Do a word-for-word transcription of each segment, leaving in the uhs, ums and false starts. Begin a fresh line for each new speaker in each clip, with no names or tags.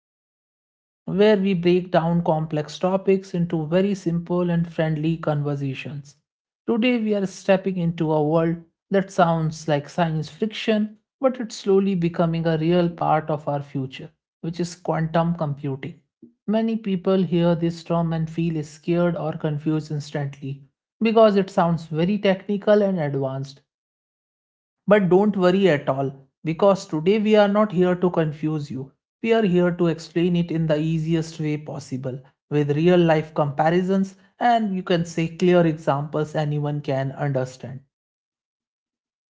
Talk Show, where we break down complex topics into very simple and friendly conversations. Today, we are stepping into a world that sounds like science fiction, but it's slowly becoming a real part of our future, which is quantum computing. Many people hear this term and feel scared or confused instantly because it sounds very technical and advanced but don't worry at all, because today we are not here to confuse you. We are here to explain it in the easiest way possible, with real life comparisons and you can say clear examples anyone can understand.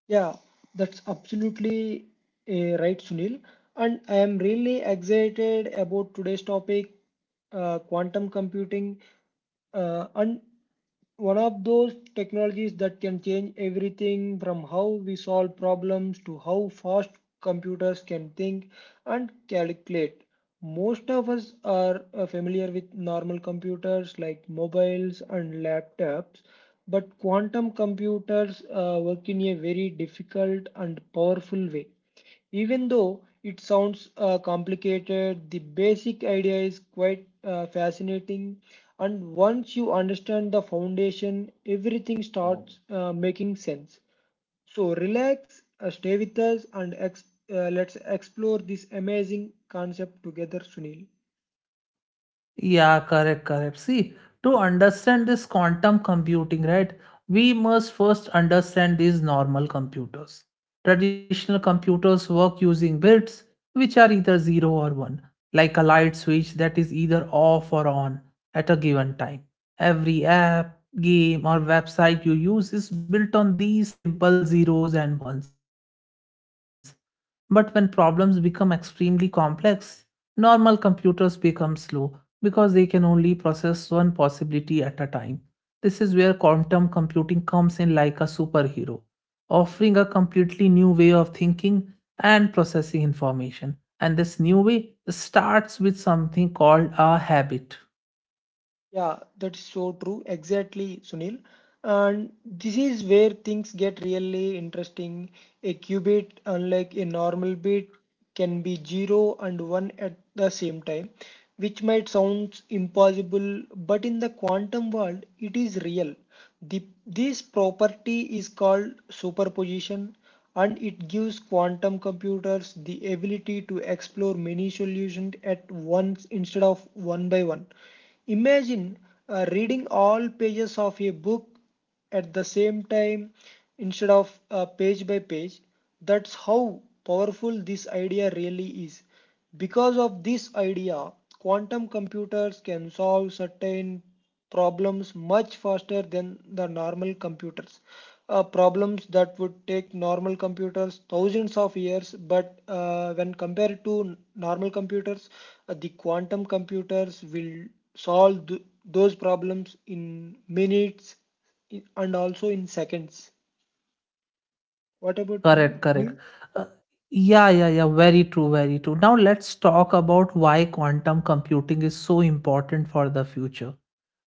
Yeah, that's absolutely uh, right, Sunil. And I am really excited about today's topic, uh, quantum computing, uh, and one of those technologies that can change everything from how we solve problems to how fast computers can think and calculate. Most of us are uh, familiar with normal computers like mobiles and laptops, but quantum computers uh, work in a very difficult and powerful way. Even though it sounds uh, complicated, the basic idea is quite uh, fascinating. And once you understand the foundation, everything starts uh, making sense. So relax, uh, stay with us, and ex- uh, let's explore this amazing concept together, Sunil.
Yeah, correct, correct. See, to understand this quantum computing, right, we must first understand these normal computers. Traditional computers work using bits which are either zero or one, like a light switch that is either off or on at a given time. Every app, game, or website you use is built on these simple zeros and ones. But when problems become extremely complex, normal computers become slow because they can only process one possibility at a time. This is where quantum computing comes in like a superhero, offering a completely new way of thinking and processing information. And this new way starts with something called a habit.
Yeah, that's so true. Exactly, Sunil. And this is where things get really interesting. A qubit, unlike a normal bit, can be zero and one at the same time, which might sound impossible, but in the quantum world, it is real. The, this property is called superposition, and it gives quantum computers the ability to explore many solutions at once instead of one by one. Imagine uh, reading all pages of a book at the same time instead of uh, page by page. That's how powerful this idea really is. Because of this idea, quantum computers can solve certain problems much faster than the normal computers. Uh, problems that would take normal computers thousands of years, but uh, when compared to normal computers, uh, the quantum computers will solve th- those problems in minutes and also in seconds. What about you,
Correct, correct.
Rukmini?
Uh, yeah, yeah, yeah. Very true, very true. Now let's talk about why quantum computing is so important for the future.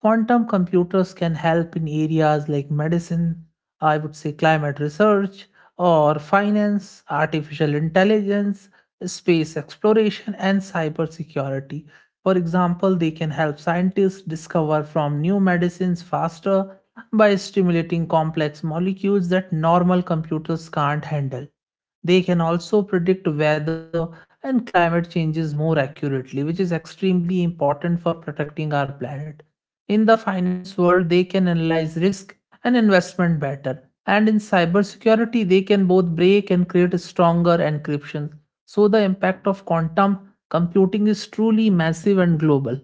Quantum computers can help in areas like medicine, I would say climate research, or finance, artificial intelligence, space exploration, and cybersecurity. For example, they can help scientists discover from new medicines faster by stimulating complex molecules that normal computers can't handle. They can also predict weather and climate changes more accurately, which is extremely important for protecting our planet. In the finance world, they can analyze risk and investment better. And in cybersecurity, they can both break and create stronger encryption. So the impact of quantum computing is truly massive and global.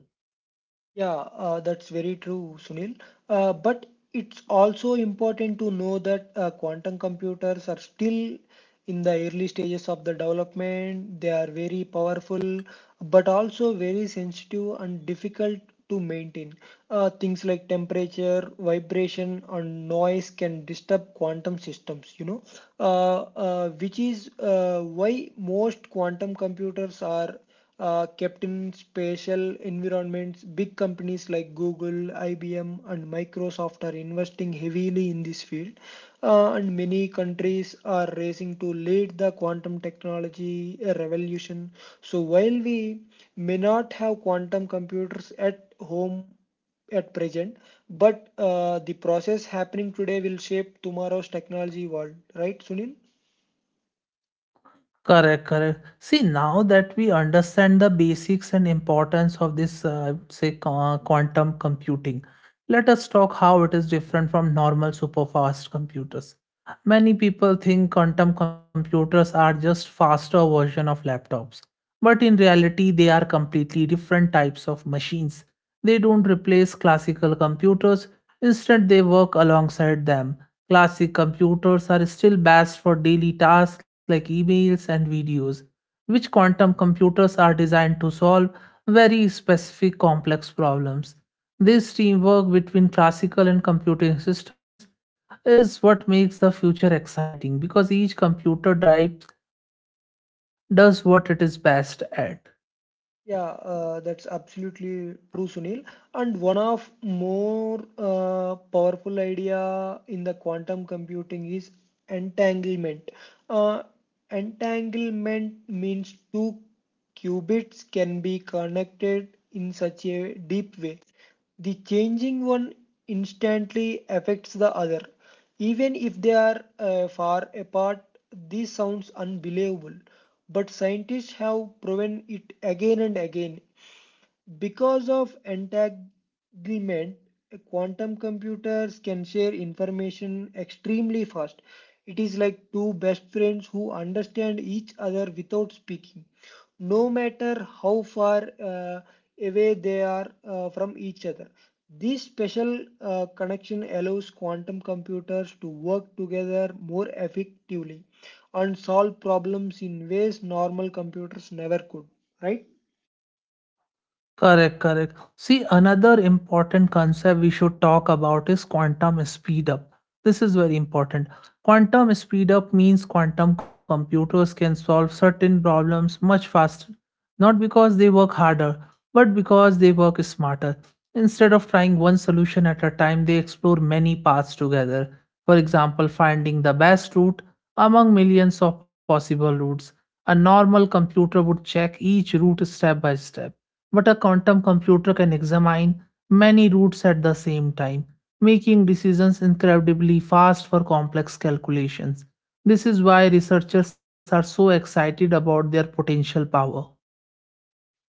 Yeah, uh, that's very true, Sunil. Uh, but it's also important to know that uh, quantum computers are still in the early stages of the development. They are very powerful, but also very sensitive and difficult to maintain. Uh, things like temperature, vibration, and noise can disturb quantum systems, you know, uh, uh, which is uh, why most quantum computers are uh, kept in special environments. Big companies like Google, I B M, and Microsoft are investing heavily in this field, uh, and many countries are racing to lead the quantum technology revolution. So, while we may not have quantum computers at home at present, but uh, the process happening today will shape tomorrow's technology world, right, Sunil?
Correct, correct. See, now that we understand the basics and importance of this, uh, say, qu- quantum computing, let us talk how it is different from normal superfast computers. Many people think quantum computers are just faster version of laptops, but in reality, they are completely different types of machines. They don't replace classical computers; instead, they work alongside them. Classic computers are still best for daily tasks like emails and videos, which quantum computers are designed to solve very specific complex problems. This teamwork between classical and computing systems is what makes the future exciting because each computer type does what it is best at.
Yeah, uh, that's absolutely true, Sunil. And one of more uh, powerful idea in the quantum computing is entanglement. Uh, Entanglement means two qubits can be connected in such a deep way. The changing one instantly affects the other. Even if they are uh, far apart, this sounds unbelievable, but scientists have proven it again and again. Because of entanglement, quantum computers can share information extremely fast. It is like two best friends who understand each other without speaking, no matter how far uh, away they are uh, from each other. This special uh, connection allows quantum computers to work together more effectively and solve problems in ways normal computers never could, right?
Correct, correct. See, another important concept we should talk about is quantum speedup. This is very important. Quantum speedup means quantum computers can solve certain problems much faster, not because they work harder, but because they work smarter. Instead of trying one solution at a time, they explore many paths together. For example, finding the best route among millions of possible routes. A normal computer would check each route step by step but a quantum computer can examine many routes at the same time, making decisions incredibly fast for complex calculations. This is why researchers are so excited about their potential power.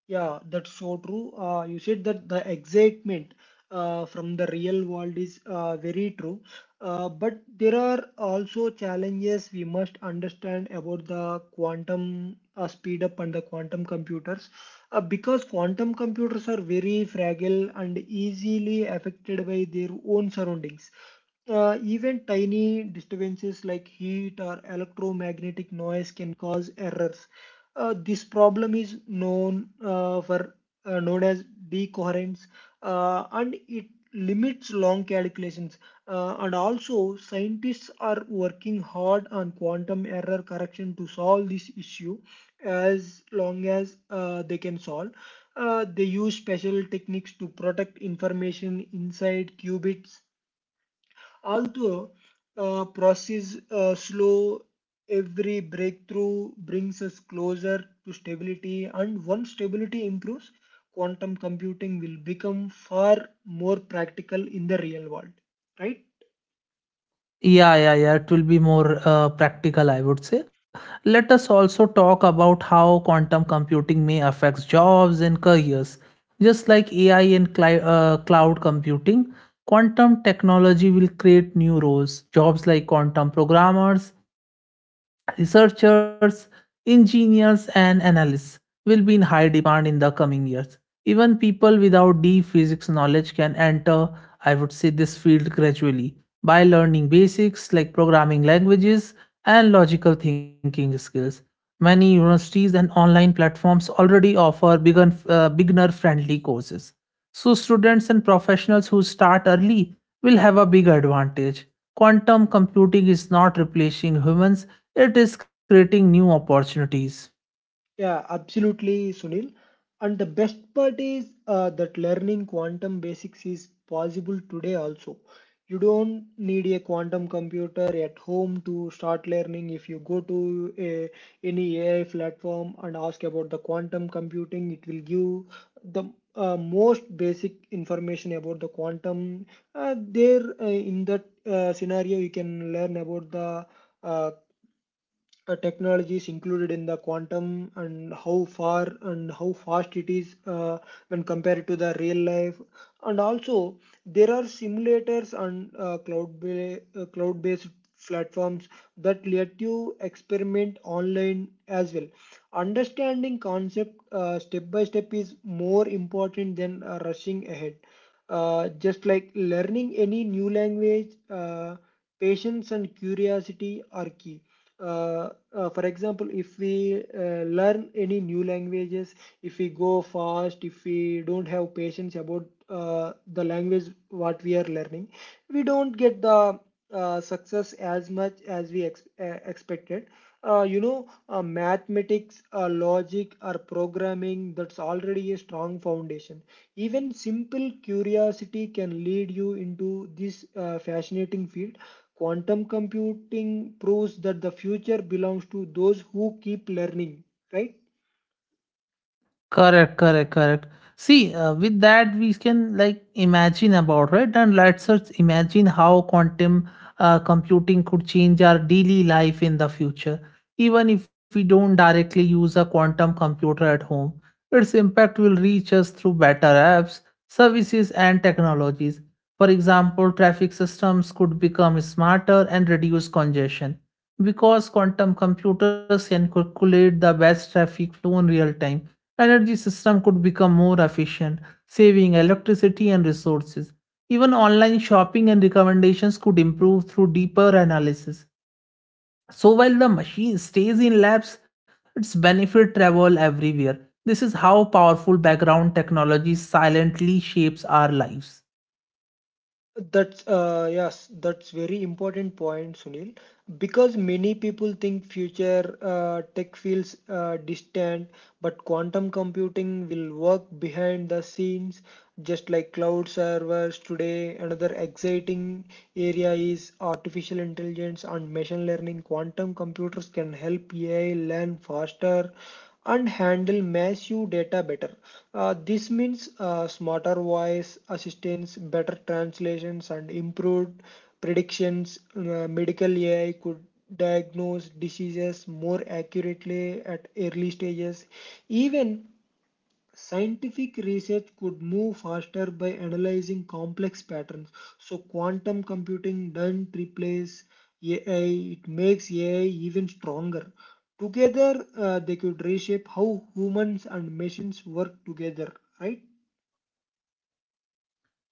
Yeah, that's so true. Uh, you said that the excitement uh, from the real world is uh, very true. Uh, but there are also challenges we must understand about the quantum uh, speed up and the quantum computers. Uh, because quantum computers are very fragile and easily affected by their own surroundings. Uh, even tiny disturbances like heat or electromagnetic noise can cause errors. Uh, this problem is known uh, for uh, known as decoherence, uh, and it limits long calculations. Uh, and also, scientists are working hard on quantum error correction to solve this issue as long as uh, they can solve. Uh, they use special techniques to protect information inside qubits. Although uh, process uh, slow, every breakthrough brings us closer to stability, and once stability improves, quantum computing will become far more practical in the real world, right?
Yeah, yeah, yeah. It will be more uh, practical, I would say. Let us also talk about how quantum computing may affect jobs and careers. Just like A I and cli- uh, cloud computing, quantum technology will create new roles. Jobs like quantum programmers, researchers, engineers, and analysts will be in high demand in the coming years. Even people without deep physics knowledge can enter, I would say, this field gradually by learning basics like programming languages and logical thinking skills. Many universities and online platforms already offer begun, uh, beginner-friendly courses. So students and professionals who start early will have a big advantage. Quantum computing is not replacing humans, it is creating new opportunities.
Yeah, absolutely, Sunil. And the best part is uh, that learning quantum basics is possible today also. You don't need a quantum computer at home to start learning. If you go to a, any A I platform and ask about the quantum computing, it will give the uh, most basic information about the quantum. Uh, there, uh, in that uh, scenario, you can learn about the uh, uh, technologies included in the quantum and how far and how fast it is, uh, when compared to the real life, and also there are simulators and uh, cloud ba- uh, cloud based platforms that let you experiment online as well. Understanding concept uh, step by step is more important than uh, rushing ahead, uh, just like learning any new language. Uh, patience and curiosity are key. Uh, uh, for example, if we uh, learn any new languages, if we go fast, if we don't have patience about uh, the language what we are learning, we don't get the uh, success as much as we ex- uh, expected. Uh, you know, uh, mathematics, uh, logic or programming, that's already a strong foundation. Even simple curiosity can lead you into this uh, fascinating field. Quantum computing proves that the future belongs to those who keep learning, right?
Correct, correct, correct. See, uh, with that we can like imagine about right, and let's us imagine how quantum uh, computing could change our daily life in the future. Even if we don't directly use a quantum computer at home, its impact will reach us through better apps, services, and technologies. For example, traffic systems could become smarter and reduce congestion because quantum computers can calculate the best traffic flow in real time energy system could become more efficient, saving electricity and resources. Even online shopping and recommendations could improve through deeper analysis. So while the machine stays in labs, its benefit travel everywhere. This is how powerful background technology silently shapes our lives.
That's uh, yes, that's very important point, Sunil. Because many people think future uh, tech feels uh, distant, but quantum computing will work behind the scenes, just like cloud servers today. Another exciting area is artificial intelligence and machine learning. Quantum computers can help AI learn faster and handle massive data better. Uh, this means uh, smarter voice assistants, better translations, and improved predictions. Uh, medical A I could diagnose diseases more accurately at early stages. Even scientific research could move faster by analyzing complex patterns. So, quantum computing doesn't replace A I, it makes A I even stronger. Together, uh, they could reshape how humans and machines work together, right?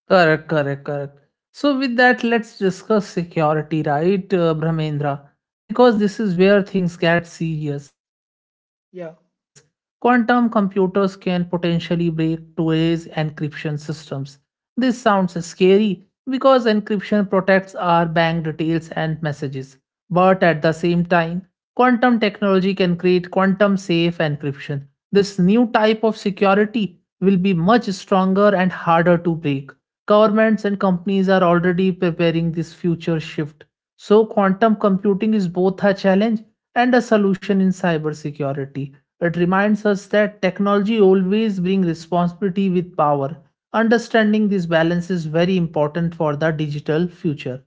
Correct, correct, correct. So, with that, let's discuss security, right, uh, Brahmendra? Because this is where things get serious. Quantum
Yeah.
computers can potentially break today's encryption systems. This sounds scary because encryption protects our bank details and messages. But at the same time, quantum technology can create quantum safe encryption. This new type of security will be much stronger and harder to break. Governments and companies are already preparing this future shift. So, quantum computing is both a challenge and a solution in cybersecurity. It reminds us that technology always brings responsibility with power. Understanding this balance is very important for the digital future.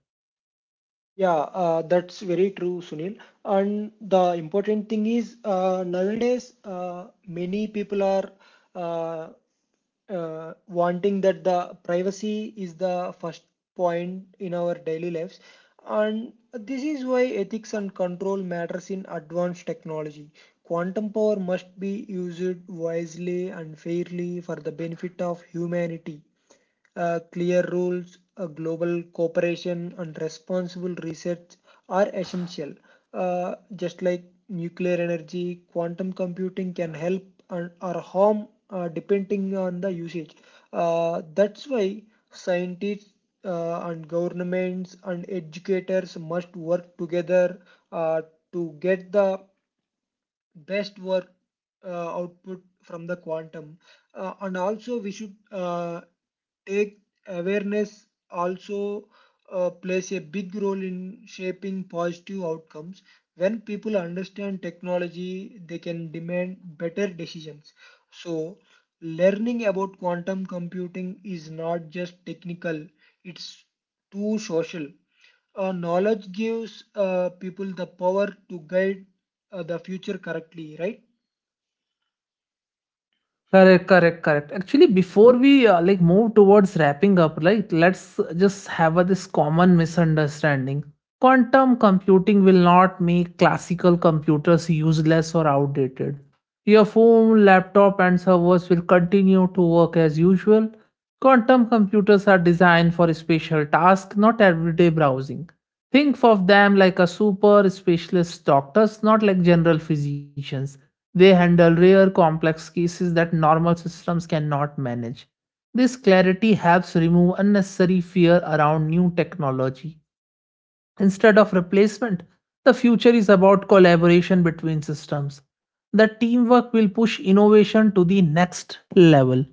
Yeah, uh, that's very true, Sunil. And the important thing is, uh, nowadays uh, many people are uh, uh, wanting that the privacy is the first point in our daily lives, and this is why ethics and control matters in advanced technology. Quantum power must be used wisely and fairly for the benefit of humanity. Uh, clear rules, uh, global cooperation, and responsible research are essential. Uh, just like nuclear energy, quantum computing can help and, or harm, uh, depending on the usage. Uh, that's why scientists uh, and governments and educators must work together uh, to get the best work uh, output from the quantum, uh, and also we should uh, take awareness also uh, plays a big role in shaping positive outcomes. When people understand technology, they can demand better decisions. So learning about quantum computing is not just technical, it's too social. Uh, knowledge gives uh, people the power to guide uh, the future correctly, right?
Correct, correct, correct. Actually, before we uh, like move towards wrapping up, like let's just have a, this common misunderstanding. Quantum computing will not make classical computers useless or outdated. Your phone, laptop, and servers will continue to work as usual. Quantum computers are designed for special tasks, not everyday browsing. Think of them like a super specialist doctors, not like general physicians they handle rare complex cases that normal systems cannot manage. This clarity helps remove unnecessary fear around new technology. Instead of replacement, the future is about collaboration between systems. The teamwork will push innovation to the next level.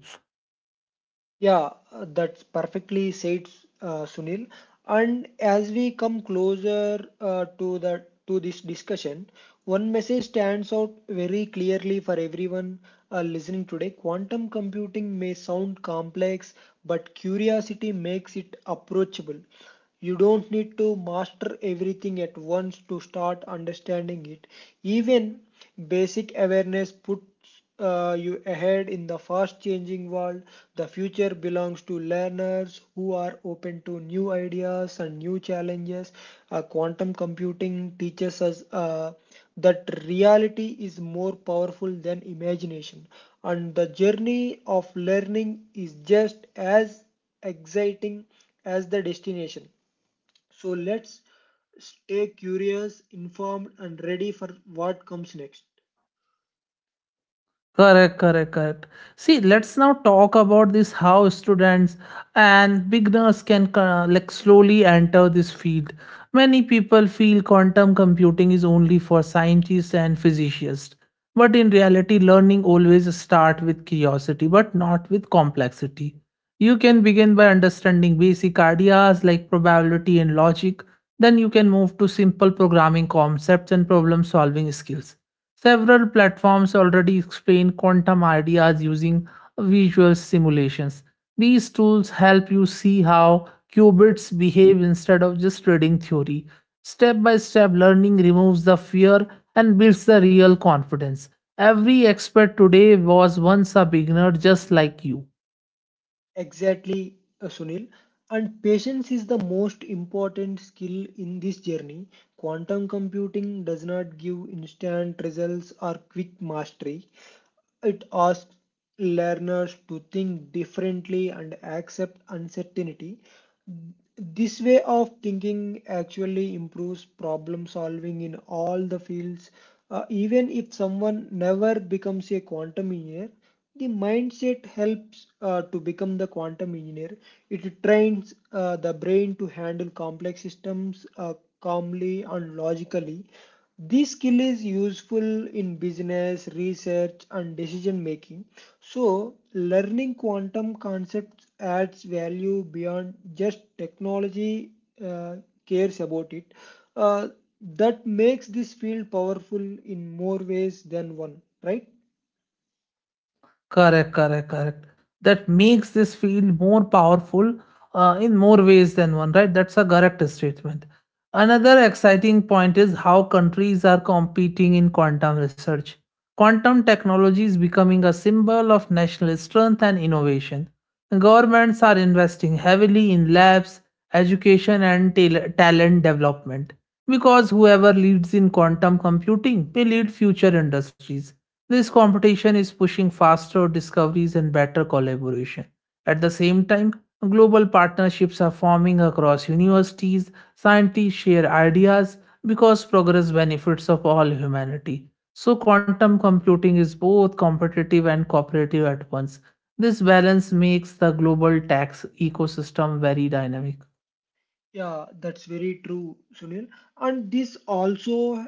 Yeah, uh, that's perfectly said, uh, Sunil. And as we come closer uh, to the to this discussion, one message stands out very clearly for everyone uh, listening today. Quantum computing may sound complex, but curiosity makes it approachable. You don't need to master everything at once to start understanding it. Even basic awareness puts uh, you ahead in the fast changing world. The future belongs to learners who are open to new ideas and new challenges. Uh, quantum computing teaches us uh, that reality is more powerful than imagination, and the journey of learning is just as exciting as the destination. So let's stay curious, informed, and ready for what comes next.
Correct, correct, correct. See, let's now talk about this how students and beginners can uh, like slowly enter this field. Many people feel quantum computing is only for scientists and physicists, but in reality, learning always start with curiosity, but not with complexity. You can begin by understanding basic ideas like probability and logic. Then you can move to simple programming concepts and problem solving skills. Several platforms already explain quantum ideas using visual simulations. These tools help you see how qubits behave instead of just reading theory. Step by step learning removes the fear and builds the real confidence. Every expert today was once a beginner just like you.
Exactly, uh, Sunil. And patience is the most important skill in this journey. Quantum computing does not give instant results or quick mastery. It asks learners to think differently and accept uncertainty. This way of thinking actually improves problem solving in all the fields. Uh, even if someone never becomes a quantum engineer, the mindset helps uh, to become the quantum engineer. It trains uh, the brain to handle complex systems uh, calmly and logically. This skill is useful in business, research, and decision making. So, learning quantum concepts adds value beyond just technology, uh, cares about it. Uh, that makes this field powerful in more ways than one, right?
Correct, correct, correct. That makes this feel more powerful uh, in more ways than one, right? That's a correct statement. Another exciting point is how countries are competing in quantum research. Quantum technology is becoming a symbol of national strength and innovation. Governments are investing heavily in labs, education, and tal- talent development because whoever leads in quantum computing may lead future industries this competition is pushing faster discoveries and better collaboration. At the same time, global partnerships are forming across universities, scientists share ideas because progress benefits of all humanity. So quantum computing is both competitive and cooperative at once. This balance makes the global tech ecosystem very dynamic.
Yeah, that's very true, Sunil. And this also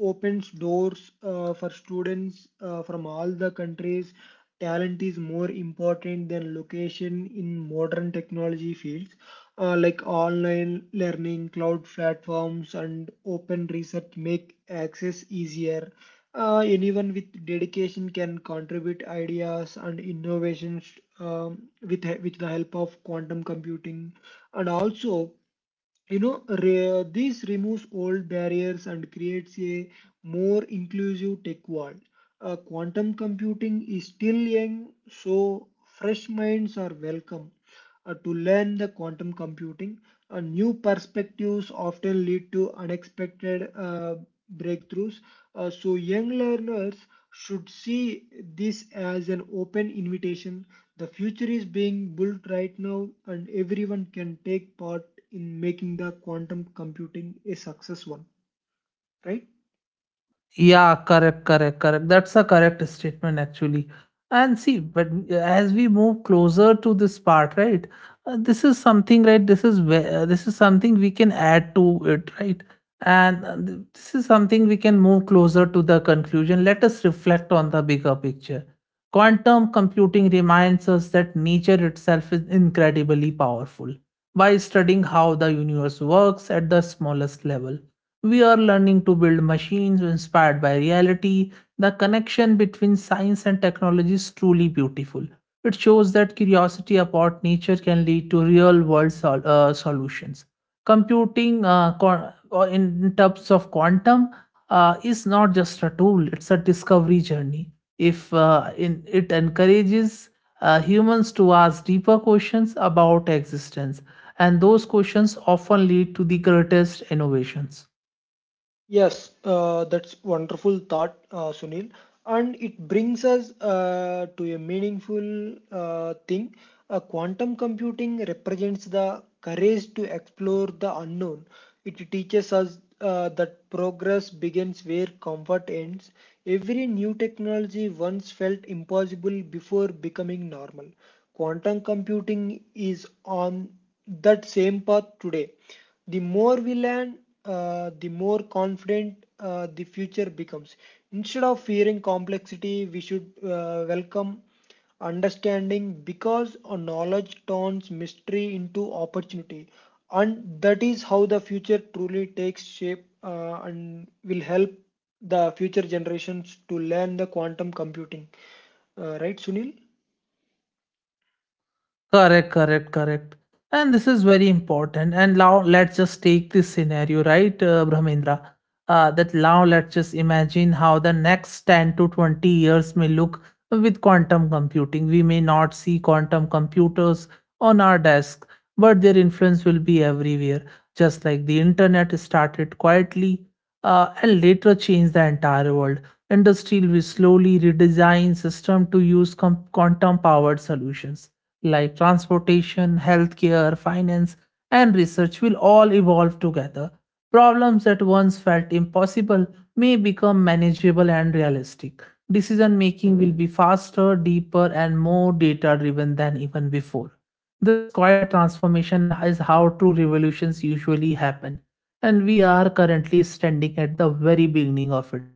opens doors uh, for students uh, from all the countries. Talent is more important than location in modern technology fields, uh, like online learning, cloud platforms, and open research make access easier. Uh, anyone with dedication can contribute ideas and innovations, um, with he- with the help of quantum computing. And also, you know, re- this removes old barriers and creates a more inclusive tech world. Uh, quantum computing is still young, so fresh minds are welcome uh, to learn the quantum computing. Uh, new perspectives often lead to unexpected uh, breakthroughs. Uh, so young learners should see this as an open invitation. The future is being built right now, and everyone can take part in making the quantum computing a success one, right?
Yeah, correct, correct, correct. That's a correct statement actually. And see, but as we move closer to this part, right? Uh, this is something, right? This is where uh, this is something we can add to it, right? And uh, th- this is something we can move closer to the conclusion. Let us reflect on the bigger picture. Quantum computing reminds us that nature itself is incredibly powerful by studying how the universe works at the smallest level we are learning to build machines inspired by reality. The connection between science and technology is truly beautiful. It shows that curiosity about nature can lead to real world sol- uh, solutions. Computing uh, co- uh, in in terms of quantum uh, is not just a tool, it's a discovery journey. If uh, in, it encourages uh, humans to ask deeper questions about existence, and those questions often lead to the greatest innovations.
Yes, uh, that's wonderful thought, uh, Sunil. And it brings us uh, to a meaningful uh, thing. Uh, quantum computing represents the courage to explore the unknown. It teaches us uh, that progress begins where comfort ends. Every new technology once felt impossible before becoming normal. Quantum computing is on that same path today. The more we learn, uh, the more confident uh, the future becomes. Instead of fearing complexity, we should uh, welcome understanding, because our knowledge turns mystery into opportunity. And that is how the future truly takes shape, uh, and will help the future generations to learn the quantum computing. Uh, right, Sunil?
Correct, correct, correct. And this is very important. And now let's just take this scenario, right, uh, Brahmendra? Uh, that now let's just imagine how the next ten to twenty years may look with quantum computing. We may not see quantum computers on our desk, but their influence will be everywhere. Just like the internet started quietly uh, and later changed the entire world. Industry will slowly redesign system to use com- quantum powered solutions like transportation, healthcare, finance, and research will all evolve together. Problems that once felt impossible may become manageable and realistic. Decision making will be faster, deeper, and more data driven than even before. This quiet transformation is how true revolutions usually happen, and we are currently standing at the very beginning of it.